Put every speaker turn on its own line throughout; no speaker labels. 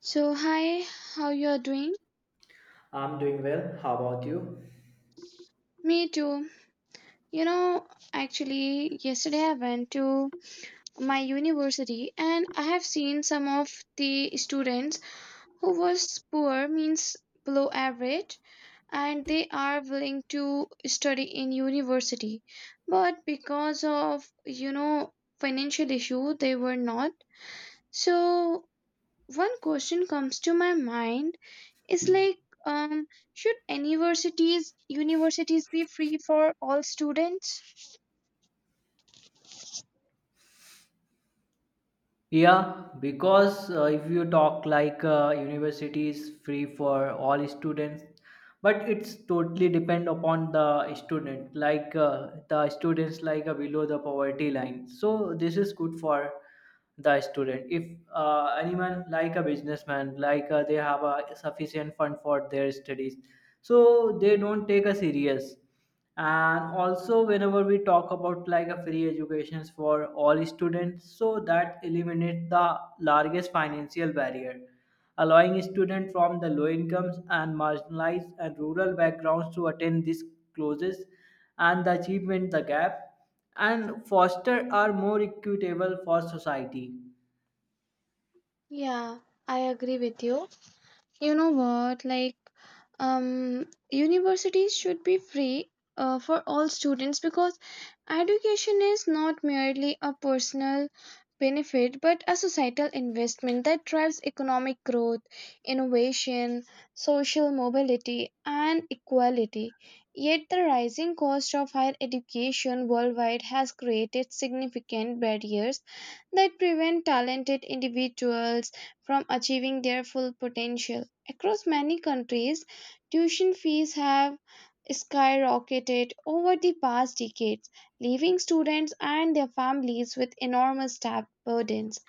So, hi, how you're doing?
I'm doing well. How about you?
Me too. You know, actually, yesterday I went to my university and I have seen some of the students who was poor means below average and they are willing to study in university. But because of, you know, financial issue, they were not. So, one question comes to my mind is like um should universities be free for all students?
Yeah, because if you talk like university is free for all students, but it's totally depend upon the student, like the students like below the poverty line. So this is good for the student. If anyone like a businessman, like they have a sufficient fund for their studies, so they don't take a serious. And also whenever we talk about like a free educations for all students, so that eliminates the largest financial barrier, allowing students from the low incomes and marginalized and rural backgrounds to attend these courses, and the achievement the gap, and foster are more equitable for society.
Yeah, I agree with you. You know what? Like, universities should be free for all students because education is not merely a personal benefit but a societal investment that drives economic growth, innovation, social mobility, and equality. Yet, the rising cost of higher education worldwide has created significant barriers that prevent talented individuals from achieving their full potential. Across many countries, tuition fees have skyrocketed over the past decades, leaving students and their families with enormous debt burdens.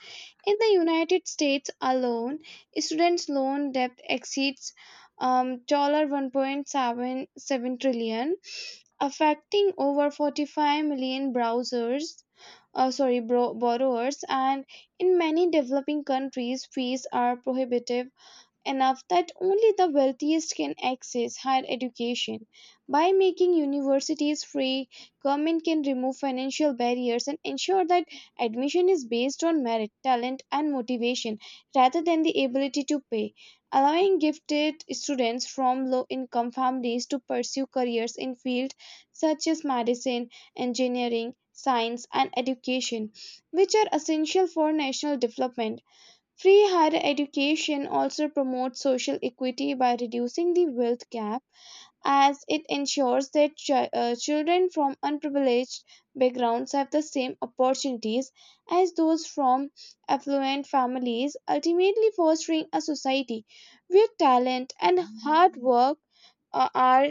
In the United States alone, students' loan debt exceeds $1.77 affecting over 45 million browsers borrowers, and in many developing countries fees are prohibitive enough that only the wealthiest can access higher education. By making universities free, government can remove financial barriers and ensure that admission is based on merit, talent, and motivation rather than the ability to pay, allowing gifted students from low-income families to pursue careers in fields such as medicine, engineering, science, and education, which are essential for national development. Free higher education also promotes social equity by reducing the wealth gap, as it ensures that children from unprivileged backgrounds have the same opportunities as those from affluent families, ultimately, fostering a society where talent and hard work are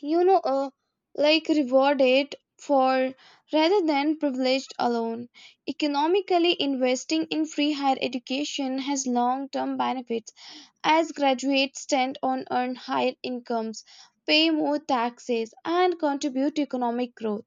you know uh, like rewarded for rather than privileged alone economically. Investing in free higher education has long term benefits as graduates tend on earn higher incomes, pay more taxes, and contribute to economic growth.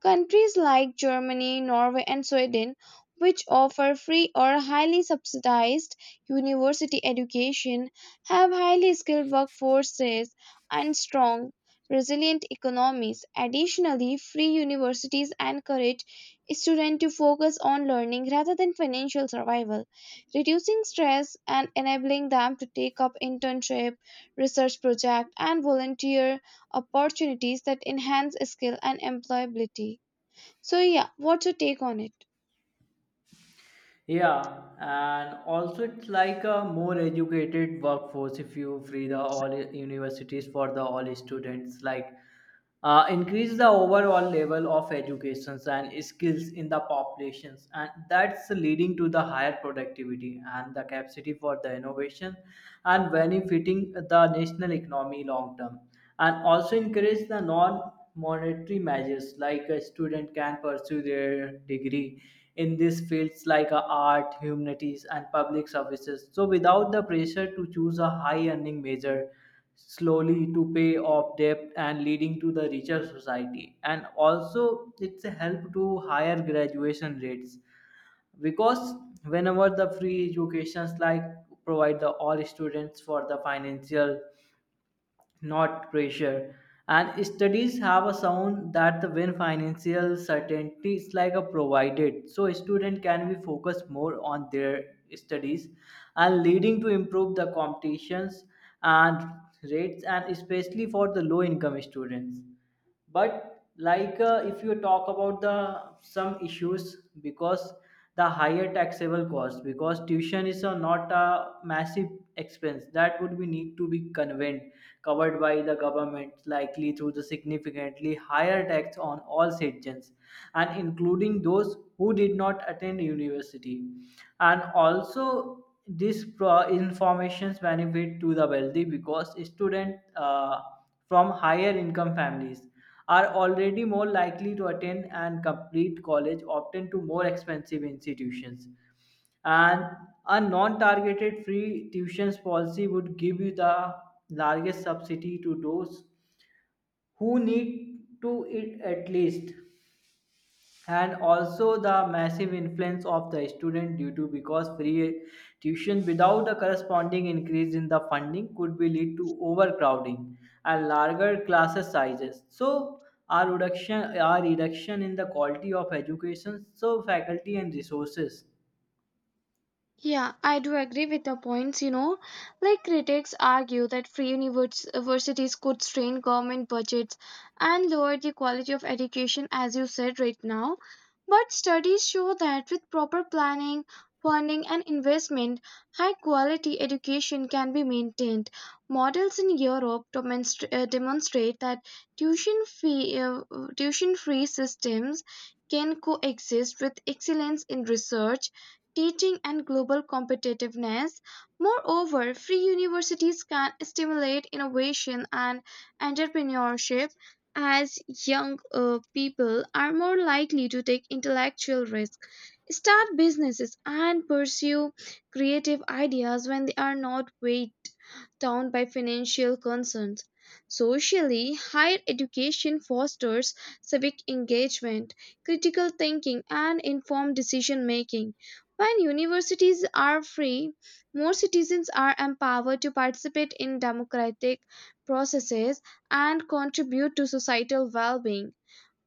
Countries like Germany, Norway, and Sweden, which offer free or highly subsidized university education, have highly skilled workforces and strong, resilient economies. Additionally, free universities encourage students to focus on learning rather than financial survival, reducing stress and enabling them to take up internship, research project, and volunteer opportunities that enhance skill and employability. So yeah, what's your take on it?
Yeah, and also it's like a more educated workforce. If you free the all universities for the all students, like increase the overall level of educations and skills in the populations, and that's leading to the higher productivity and the capacity for the innovation, and benefiting the national economy long term. And also encourage the non-monetary measures, like a student can pursue their degree in these fields like art humanities and public services, so without the pressure to choose a high earning major slowly to pay off debt, and leading to the richer society. And also it's a help to higher graduation rates, because whenever the free educations like provide the all students for the financial not pressure. And studies have a sound that the when financial certainty is like a provided, so student can be focused more on their studies, and leading to improve the competitions and rates, and especially for the low income students. But like if you talk about the some issues, because the higher taxable cost, because tuition is a, not a massive expense that would be need to be conveyed covered by the government, likely through the significantly higher tax on all citizens and including those who did not attend university. And also this informations benefit to the wealthy, because students from higher income families are already more likely to attend and complete college, often to more expensive institutions. And a non targeted free tuitions policy would give you the largest subsidy to those who need to it at least. And also the massive influence of the student due to, because free tuition without the corresponding increase in the funding could be lead to overcrowding and larger classes sizes, so our reduction in the quality of education, so faculty and resources.
Yeah, I do agree with your points. You know, like critics argue that universities could strain government budgets and lower the quality of education, as you said right now. But studies show that with proper planning, funding, and investment, high quality education can be maintained. Models in Europe demonstrate that tuition fee, uh, tuition free systems can coexist with excellence in research, teaching, and global competitiveness. Moreover, free universities can stimulate innovation and entrepreneurship as young people are more likely to take intellectual risk, start businesses, and pursue creative ideas when they are not weighed down by financial concerns. Socially, higher education fosters civic engagement, critical thinking, and informed decision making. When universities are free, more citizens are empowered to participate in democratic processes and contribute to societal well being.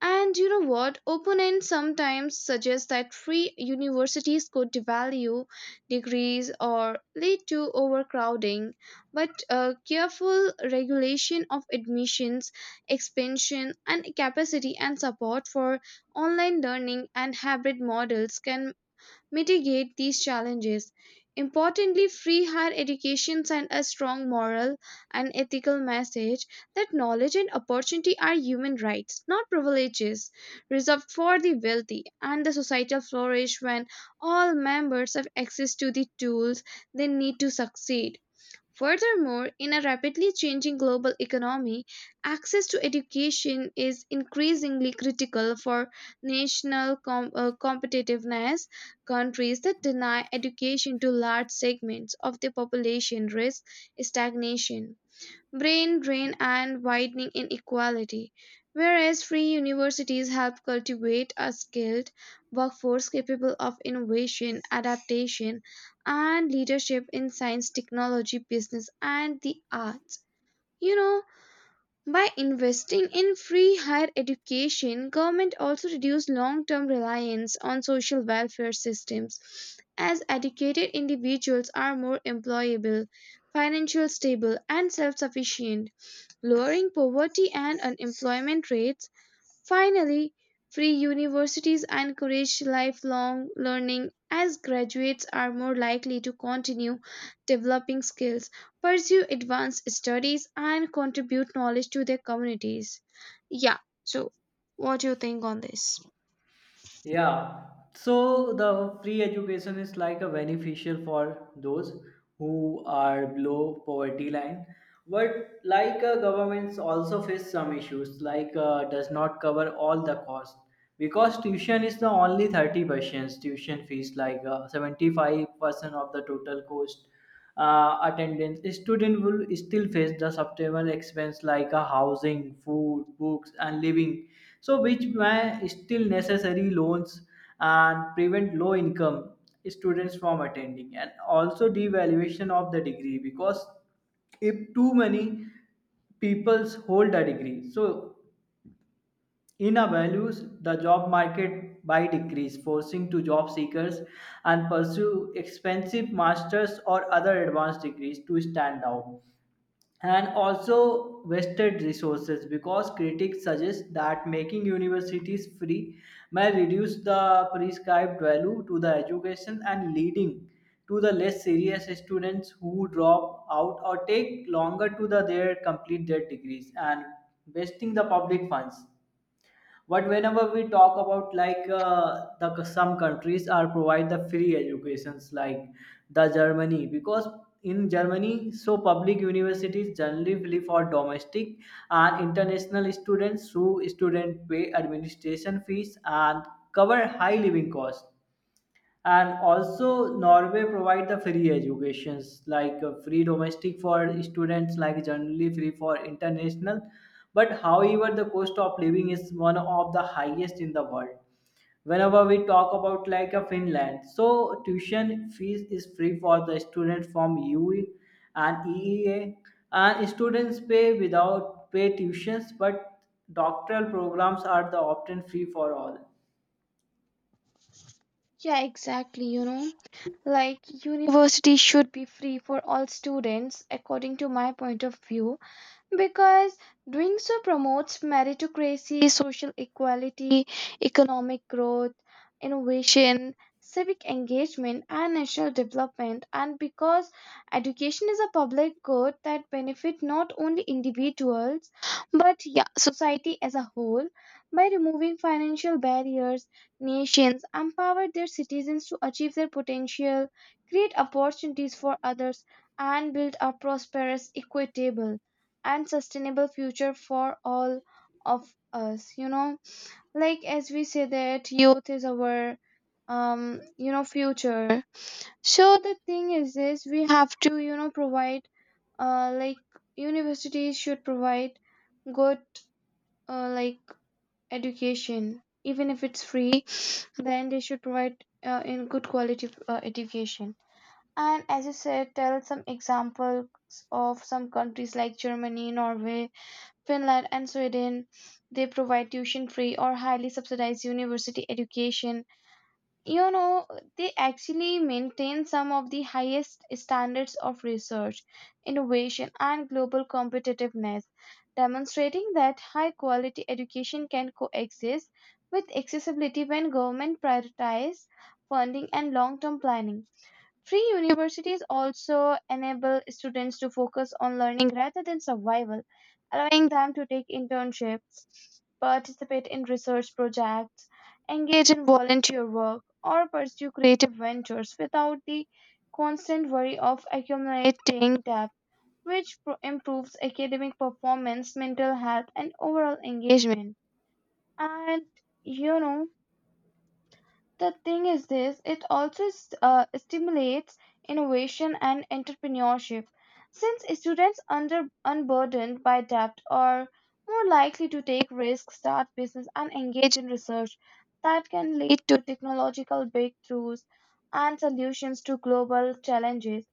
And you know what? Opponents sometimes suggest that free universities could devalue degrees or lead to overcrowding, but careful regulation of admissions, expansion, and capacity and support for online learning and hybrid models can mitigate these challenges. Importantly, free higher education sends a strong moral and ethical message that knowledge and opportunity are human rights, not privileges, reserved for the wealthy, and the societal flourish when all members have access to the tools they need to succeed. Furthermore, in a rapidly changing global economy, access to education is increasingly critical for national competitiveness. Countries that deny education to large segments of the population risk stagnation, brain drain, and widening inequality, whereas free universities help cultivate a skilled workforce capable of innovation, adaptation, and leadership in science, technology, business, and the arts. You know, by investing in free higher education, government also reduce long-term reliance on social welfare systems, as educated individuals are more employable, financial stable, and self-sufficient, lowering poverty and unemployment rates. Finally, free universities encourage lifelong learning as graduates are more likely to continue developing skills, pursue advanced studies, and contribute knowledge to their communities. Yeah, so what do you think on this?
Yeah, so the free education is like a beneficial for those who are below poverty line. But like governments also face some issues, like does not cover all the cost, because tuition is the only 30% tuition fees, like 75% of the total cost attendance, student will still face the supplemental expense like a housing, food, books, and living. So, which may still necessary loans and prevent low income students from attending. And also devaluation of the degree, because if too many peoples hold a degree, so in a values, the job market by decrease, forcing to job seekers and pursue expensive masters or other advanced degrees to stand out. And also wasted resources, because critics suggest that making universities free may reduce the prescribed value to the education, and leading to the less serious students who drop out or take longer to their complete their degrees and wasting the public funds. But whenever we talk about like the some countries are provide the free educations like the Germany, because in Germany, so public universities generally for domestic and international students, who student pay administration fees and cover high living costs. And also Norway provide the free educations, like free domestic for students, like generally free for international, but however the cost of living is one of the highest in the world. Whenever we talk about like a Finland, so tuition fees is free for the students from UE and EEA, and students pay without pay tuitions, but doctoral programs are the often free for all.
Yeah, exactly. You know, like university should be free for all students, according to my point of view, because doing so promotes meritocracy, social equality, economic growth, innovation, civic engagement, and national development. And because education is a public good that benefit not only individuals but yeah, society as a whole, by removing financial barriers, nations empower their citizens to achieve their potential, create opportunities for others, and build a prosperous, equitable, and sustainable future for all of us. You know, like as we say that youth is our you know future, so the thing is this, we have to you know provide like universities should provide good like education. Even if it's free, then they should provide in good quality education. And as you said, tell some examples of some countries like Germany, Norway, Finland, and Sweden, they provide tuition free or highly subsidized university education. You know, they actually maintain some of the highest standards of research, innovation, and global competitiveness, demonstrating that high quality education can coexist with accessibility when government prioritizes funding and long term planning. Free universities also enable students to focus on learning rather than survival, allowing them to take internships, participate in research projects, engage in volunteer work, or pursue creative ventures without the constant worry of accumulating debt, which improves academic performance, mental health, and overall engagement. And you know, the thing is this, it also stimulates innovation and entrepreneurship. Since students under unburdened by debt are more likely to take risks, start business, and engage in research that can lead to technological breakthroughs and solutions to global challenges.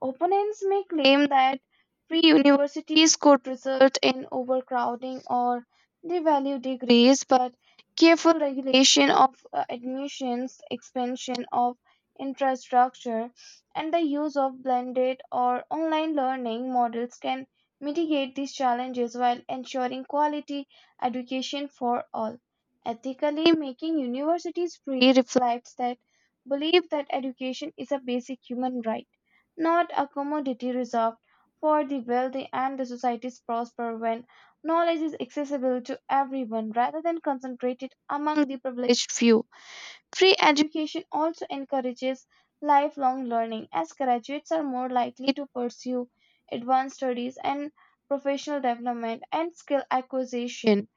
Opponents may claim that free universities could result in overcrowding or devalue degrees, but careful regulation of admissions, expansion of infrastructure, and the use of blended or online learning models can mitigate these challenges while ensuring quality education for all. Ethically, making universities free reflects that belief that education is a basic human right, not a commodity reserved for the wealthy, and the societies prosper when knowledge is accessible to everyone rather than concentrated among the privileged few. Free education also encourages lifelong learning, as graduates are more likely to pursue advanced studies and professional development and skill acquisition,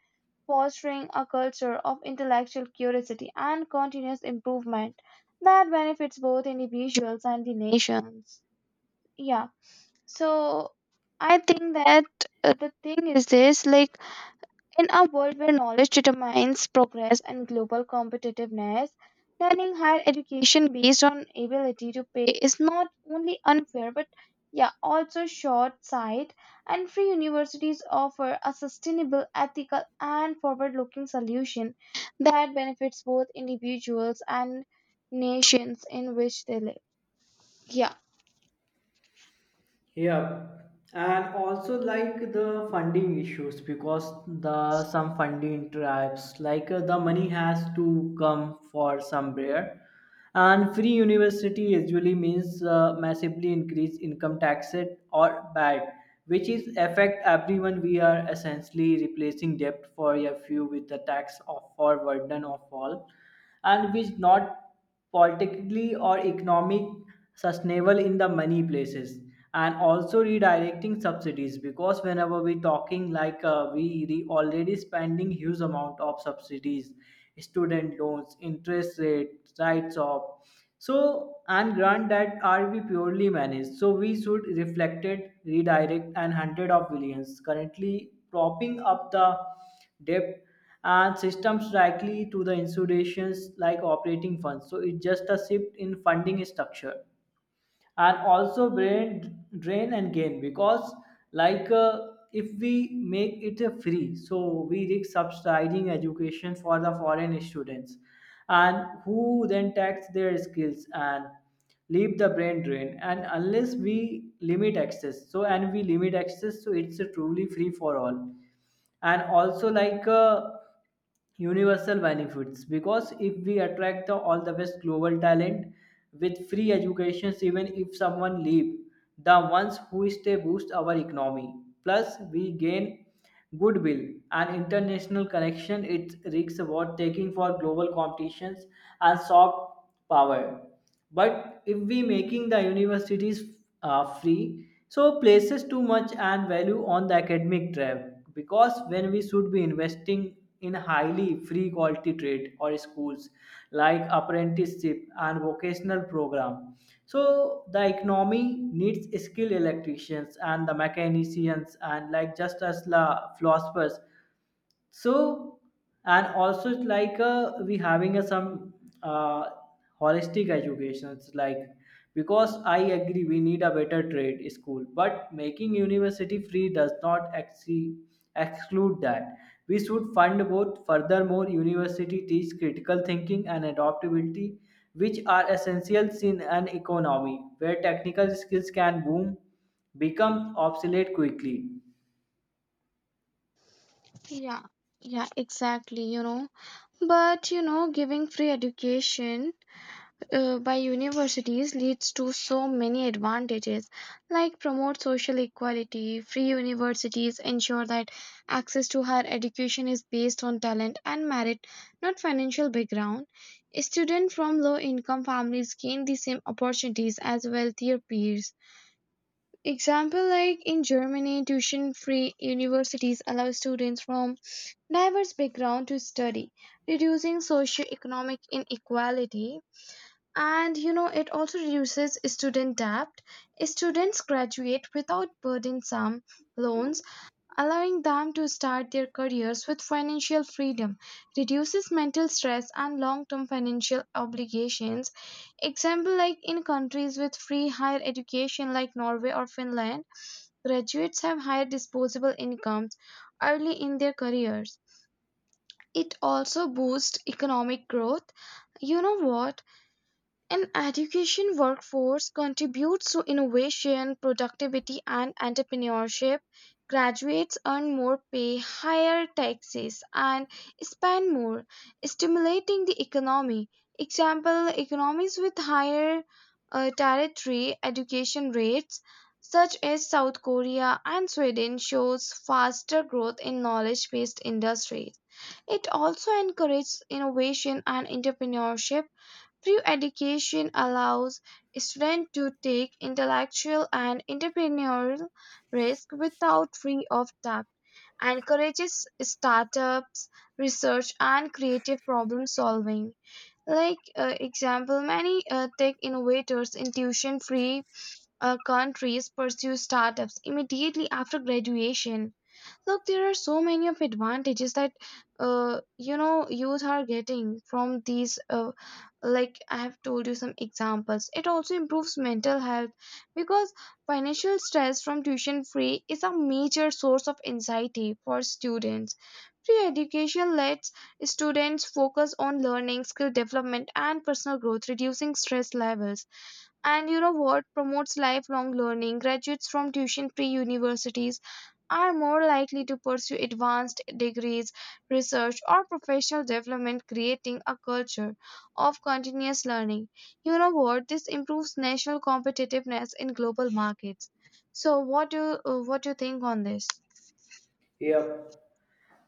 fostering a culture of intellectual curiosity and continuous improvement that benefits both individuals and the nations. Yeah, so I think that the thing is this, like in a world where knowledge determines progress and global competitiveness, turning higher education based on ability to pay is not only unfair but yeah, also short-sighted. And free universities offer a sustainable, ethical, and forward-looking solution that benefits both individuals and nations in which they live. Yeah,
Yeah, and also like the funding issues, because the some funding tribes like the money has to come for somewhere. And free university usually means massively increase income tax it or bad, which is affect everyone. We are essentially replacing debt for a few with the tax of for burden of all, and which not politically or economic sustainable in the many places. And also redirecting subsidies, because whenever we talking like we already spending huge amount of subsidies, student loans interest rates rights of, so and grant that are we purely managed, so we should reflect it redirect and hundred of billions currently propping up the debt, and systems likely to the institutions like operating funds, so it's just a shift in funding structure. And also brain drain and gain, because like if we make it a free, so we risk subsidizing education for the foreign students and who then tax their skills and leave the brain drain, and unless we limit access, so and we limit access, so it's a truly free for all. And also like universal benefits, because if we attract all the best global talent with free educations, even if someone leave the ones who stay boost our economy, plus we gain goodwill and international connection, it risks about taking for global competitions and soft power. But if we making the universities free, so places too much and value on the academic track, because when we should be investing in highly free quality trade or schools like apprenticeship and vocational program, so the economy needs skilled electricians and the mechanicians and like just as the philosophers. So and also it's like we having a some uh, holistic education, it's like because I agree we need a better trade school, but making university free does not exclude that. We should fund both. Furthermore university teach critical thinking and adaptability, which are essentials in an economy where technical skills can boom become obsolete quickly.
yeah, yeah, exactly, you know. But you know, giving free education by universities leads to so many advantages, like promote social equality. Free universities ensure that access to higher education is based on talent and merit, not financial background. Students from low income families gain the same opportunities as wealthier peers. Example, like in Germany, tuition free universities allow students from diverse background to study, reducing socio economic inequality. And you know, it also reduces student debt. Students graduate without burdensome loans, allowing them to start their careers with financial freedom, reduces mental stress and long term financial obligations. Example, like in countries with free higher education like Norway or Finland, graduates have higher disposable incomes early in their careers. It also boosts economic growth. You know what? An education workforce contributes to innovation, productivity, and entrepreneurship. Graduates earn more pay, higher taxes, and spend more, stimulating the economy. Example, economies with higher tertiary education rates, such as South Korea and Sweden, shows faster growth in knowledge based industries. It also encourages innovation and entrepreneurship through education, allows students to take intellectual and entrepreneurial risk without fear of debt, encourages startups, research, and creative problem solving. Like example, many tech innovators in tuition-free countries pursue startups immediately after graduation. Look, there are so many of advantages that you know youth are getting from these like I have told you some examples. It also improves mental health, because financial stress from tuition free is a major source of anxiety for students. Free education lets students focus on learning, skill development, and personal growth, reducing stress levels. And you know what promotes lifelong learning? Graduates from tuition free universities are more likely to pursue advanced degrees, research, or professional development, creating a culture of continuous learning. You know what? This improves national competitiveness in global markets. So, what do what do you think on this?
Yeah.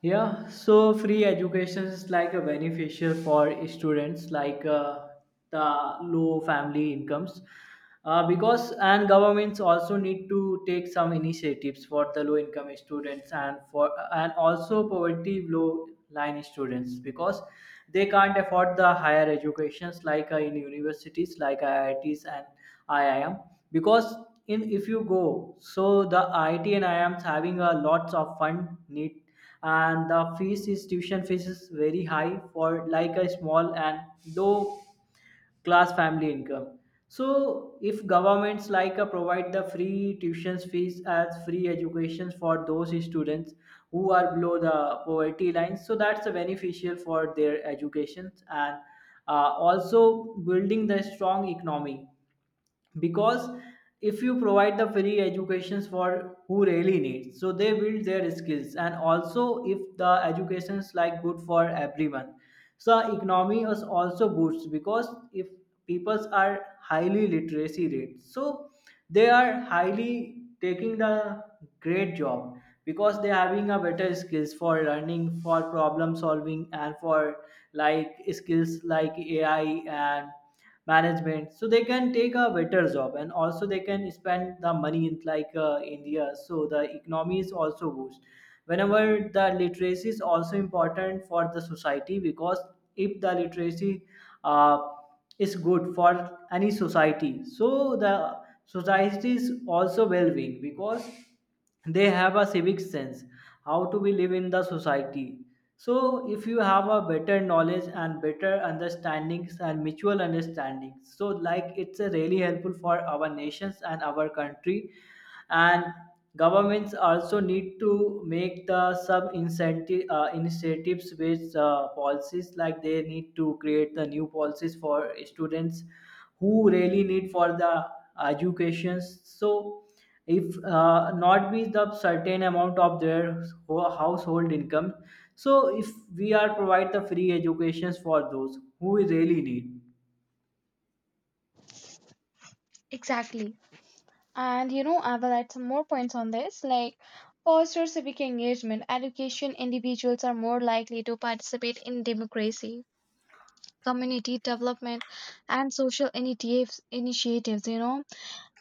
Yeah, so free education is like a beneficial for students, like the low family incomes, because and governments also need to take some initiatives for the low income students, and for and also poverty low line students, because they can't afford the higher educations, like in universities like IITs and IIM, because in if you go so the IIT and IIMs having a lots of fund need. And the fees is tuition fees is very high for like a small and low class family income. So if governments like provide the free tuition fees as free education for those students who are below the poverty line, so that's beneficial for their educations, and also building the strong economy. Because if you provide the free educations for who really needs, so they build their skills. And also if the educations like good for everyone, so economy is also boosts, because if peoples are highly literacy rate, so they are highly taking the great job, because they having a better skills for learning for problem solving, and for like skills like AI and management, so they can take a better job, and also they can spend the money in like India, so the economy is also boost. Whenever the literacy is also important for the society, because if the literacy uh, is good for any society, so the society is also well being, because they have a civic sense how to we live in the society. So if you have a better knowledge and better understandings and mutual understandings, so like it's a really helpful for our nations and our country. And governments also need to make the some incentive initiatives with policies, like they need to create the new policies for students who really need for the educations. So if not be the certain amount of their household income, so if we are provide the free educations for those who really need.
Exactly. And you know, I will add some more points on this. Like, foster civic engagement, education individuals are more likely to participate in democracy, community development, and social initiatives. Initiatives, you know,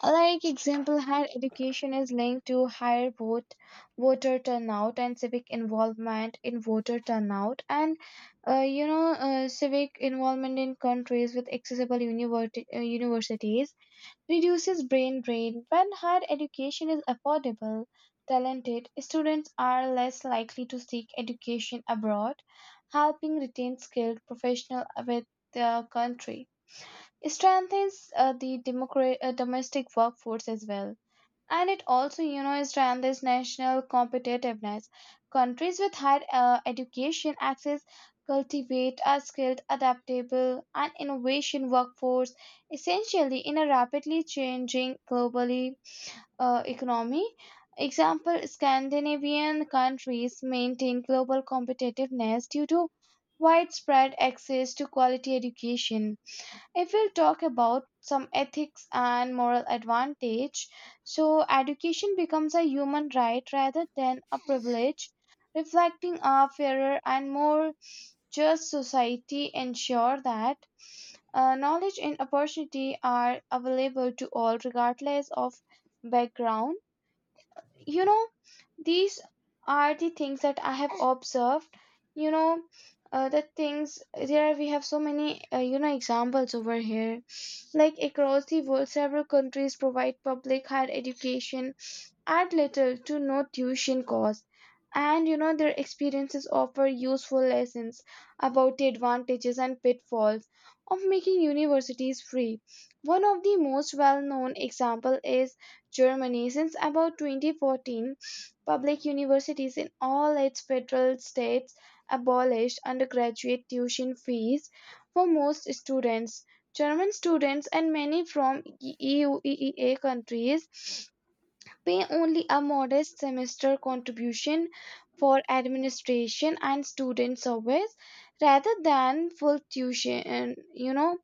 like example, higher education is linked to higher voter turnout and civic involvement in voter turnout, and civic involvement in countries with accessible universities reduces brain drain. When higher education is affordable, talented students are less likely to seek education abroad, helping retain skilled professionals with their country. It strengthens the domestic workforce as well, and it also, you know, strengthens national competitiveness. Countries with higher education access cultivate a skilled, adaptable and innovation workforce, essentially in a rapidly changing globally economy. Example, Scandinavian countries maintain global competitiveness due to widespread access to quality education. If we'll talk about some ethics and moral advantage, so education becomes a human right rather than a privilege, reflecting a fairer and more just society. Ensure that knowledge and opportunity are available to all regardless of background. You know, these are the things that I have observed. You know, the things there, we have so many you know, examples over here. Like across the world, several countries provide public higher education. Add little to no tuition cost, and you know, their experiences offer useful lessons about the advantages and pitfalls of making universities free. One of the most well-known example is Germany. Since about 2014, public universities in all its federal states abolished undergraduate tuition fees for most students. German students and many from EU countries pay only a modest semester contribution for administration and student service rather than full tuition. You know,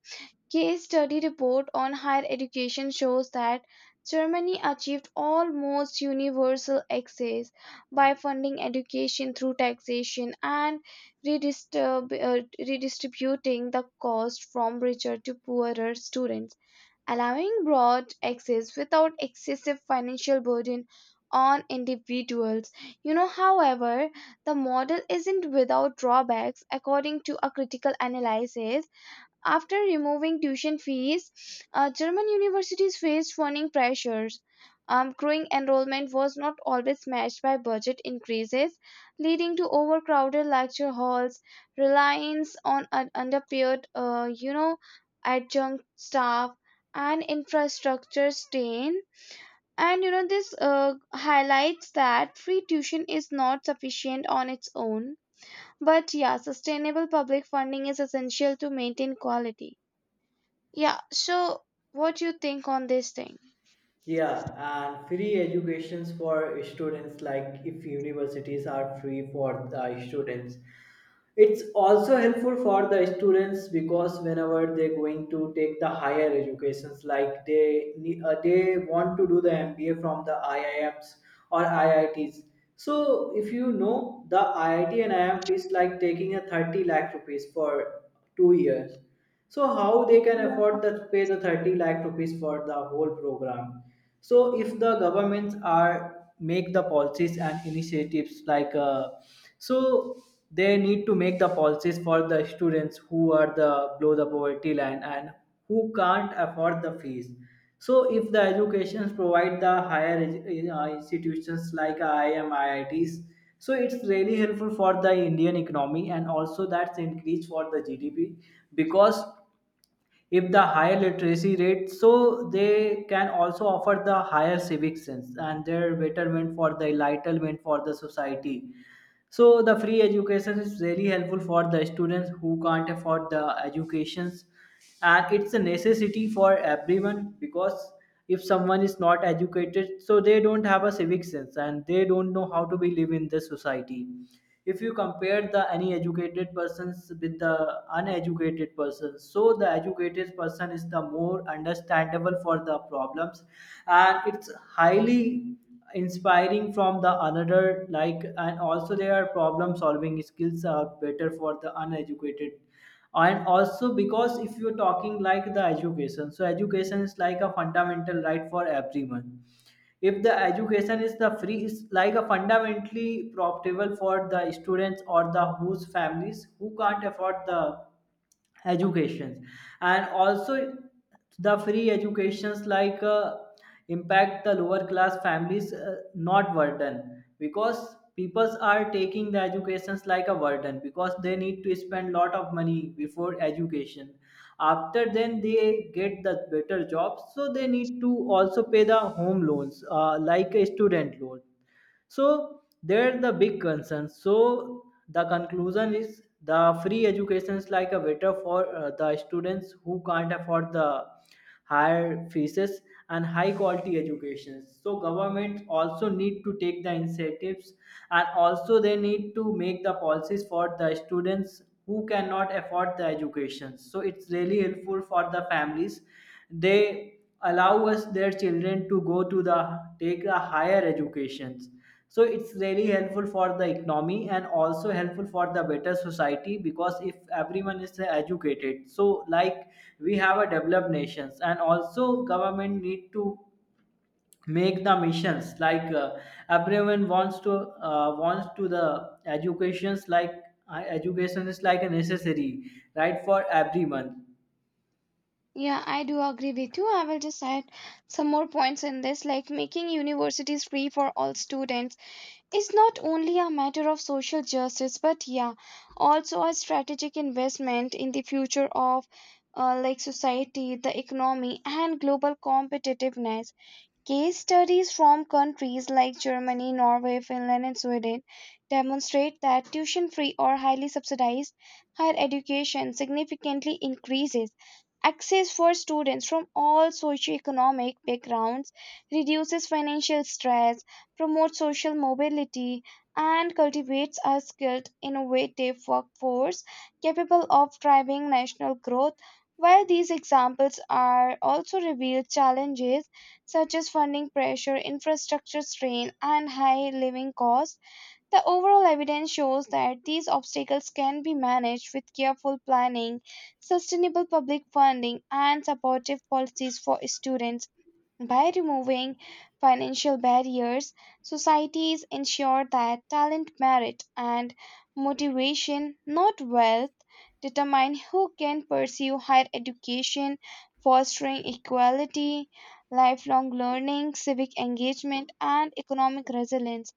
case study report on higher education shows that Germany achieved almost universal access by funding education through taxation and redistrib- uh, redistributing the cost from richer to poorer students, allowing broad access without excessive financial burden on individuals. You know, however, the model isn't without drawbacks, according to a critical analysis. After removing tuition fees, German universities faced funding pressures. Growing enrollment was not always matched by budget increases, leading to overcrowded lecture halls, reliance on underpaid, adjunct staff, and infrastructure strain. And you know, this highlights that free tuition is not sufficient on its own. But yeah, sustainable public funding is essential to maintain quality. Yeah. So, what do you think on this thing?
Yeah, and free educations for students. Like if universities are free for the students, it's also helpful for the students, because whenever they're going to take the higher educations, like they want to do the MBA from the IIMs or IITs. So if you know the IIT and IIM fees like taking a 30 lakh rupees for 2 years, so how they can
Yeah.
afford to pay the 30 lakh rupees for the whole program. So if the governments are make the policies and initiatives like so they need to make the policies for the students who are the below the poverty line and who can't afford the fees. So, if the educations provide the higher institutions like IIM, IITs, so it's really helpful for the Indian economy, and also that's increase for the GDP. Because if the higher literacy rate, so they can also offer the higher civic sense and their betterment for the enlightenment for the society. So the free education is really helpful for the students who can't afford the educations, and it's a necessity for everyone, because if someone is not educated, so they don't have a civic sense and they don't know how to be live in the society. If you compare the any educated persons with the uneducated persons, so the educated person is the more understandable for the problems, and it's highly inspiring from the another like, and also their problem solving skills are better for the uneducated. And also because if you're talking like the education, so education is like a fundamental right for everyone. If the education is the free is like a fundamentally profitable for the students or the whose families who can't afford the educations. And also the free educations like impact the lower class families not burden, because peoples are taking the educations like a burden, because they need to spend lot of money before education. After then they get the better jobs, so they need to also pay the home loans like a student loan, so they're the big concerns. So the conclusion is the free education is like a waiter for the students who can't afford the higher fees and high quality education. So government also need to take the initiatives, and also they need to make the policies for the students who cannot afford the education, so it's really helpful for the families they allow us their children to go to the take a higher educations. So it's really helpful for the economy, and also helpful for the better society, because if everyone is educated, so like we have a developed nations. And also government need to make the missions like everyone wants to the educations, like education is like a necessary right for everyone.
Yeah, I do agree with you. I will just add some more points in this. Like making universities free for all students is not only a matter of social justice, but yeah, also a strategic investment in the future of, like, society, the economy, and global competitiveness. Case studies from countries like Germany, Norway, Finland, and Sweden demonstrate that tuition free or highly subsidized higher education significantly increases access for students from all socioeconomic backgrounds, reduces financial stress, promotes social mobility, and cultivates a skilled, innovative workforce capable of driving national growth. While these examples are also reveal challenges such as funding pressure, infrastructure strain, and high living costs, the overall evidence shows that these obstacles can be managed with careful planning, sustainable public funding, and supportive policies for students. By removing financial barriers, societies ensure that talent, merit, and motivation, not wealth, determine who can pursue higher education, fostering equality, lifelong learning, civic engagement, and economic resilience.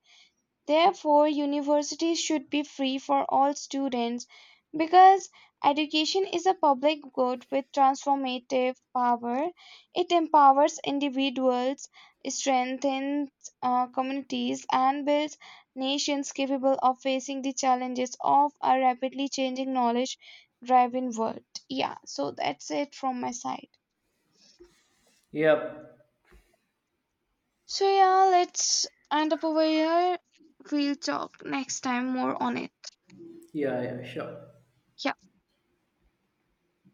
Therefore, universities should be free for all students because education is a public good with transformative power. It empowers individuals, strengthens communities, and builds nations capable of facing the challenges of a rapidly changing knowledge driven world. Yeah, so that's it from my side.
Yep.
So, yeah, let's end up over here. We'll talk next time more on it.
Yeah, yeah, sure.
Yeah.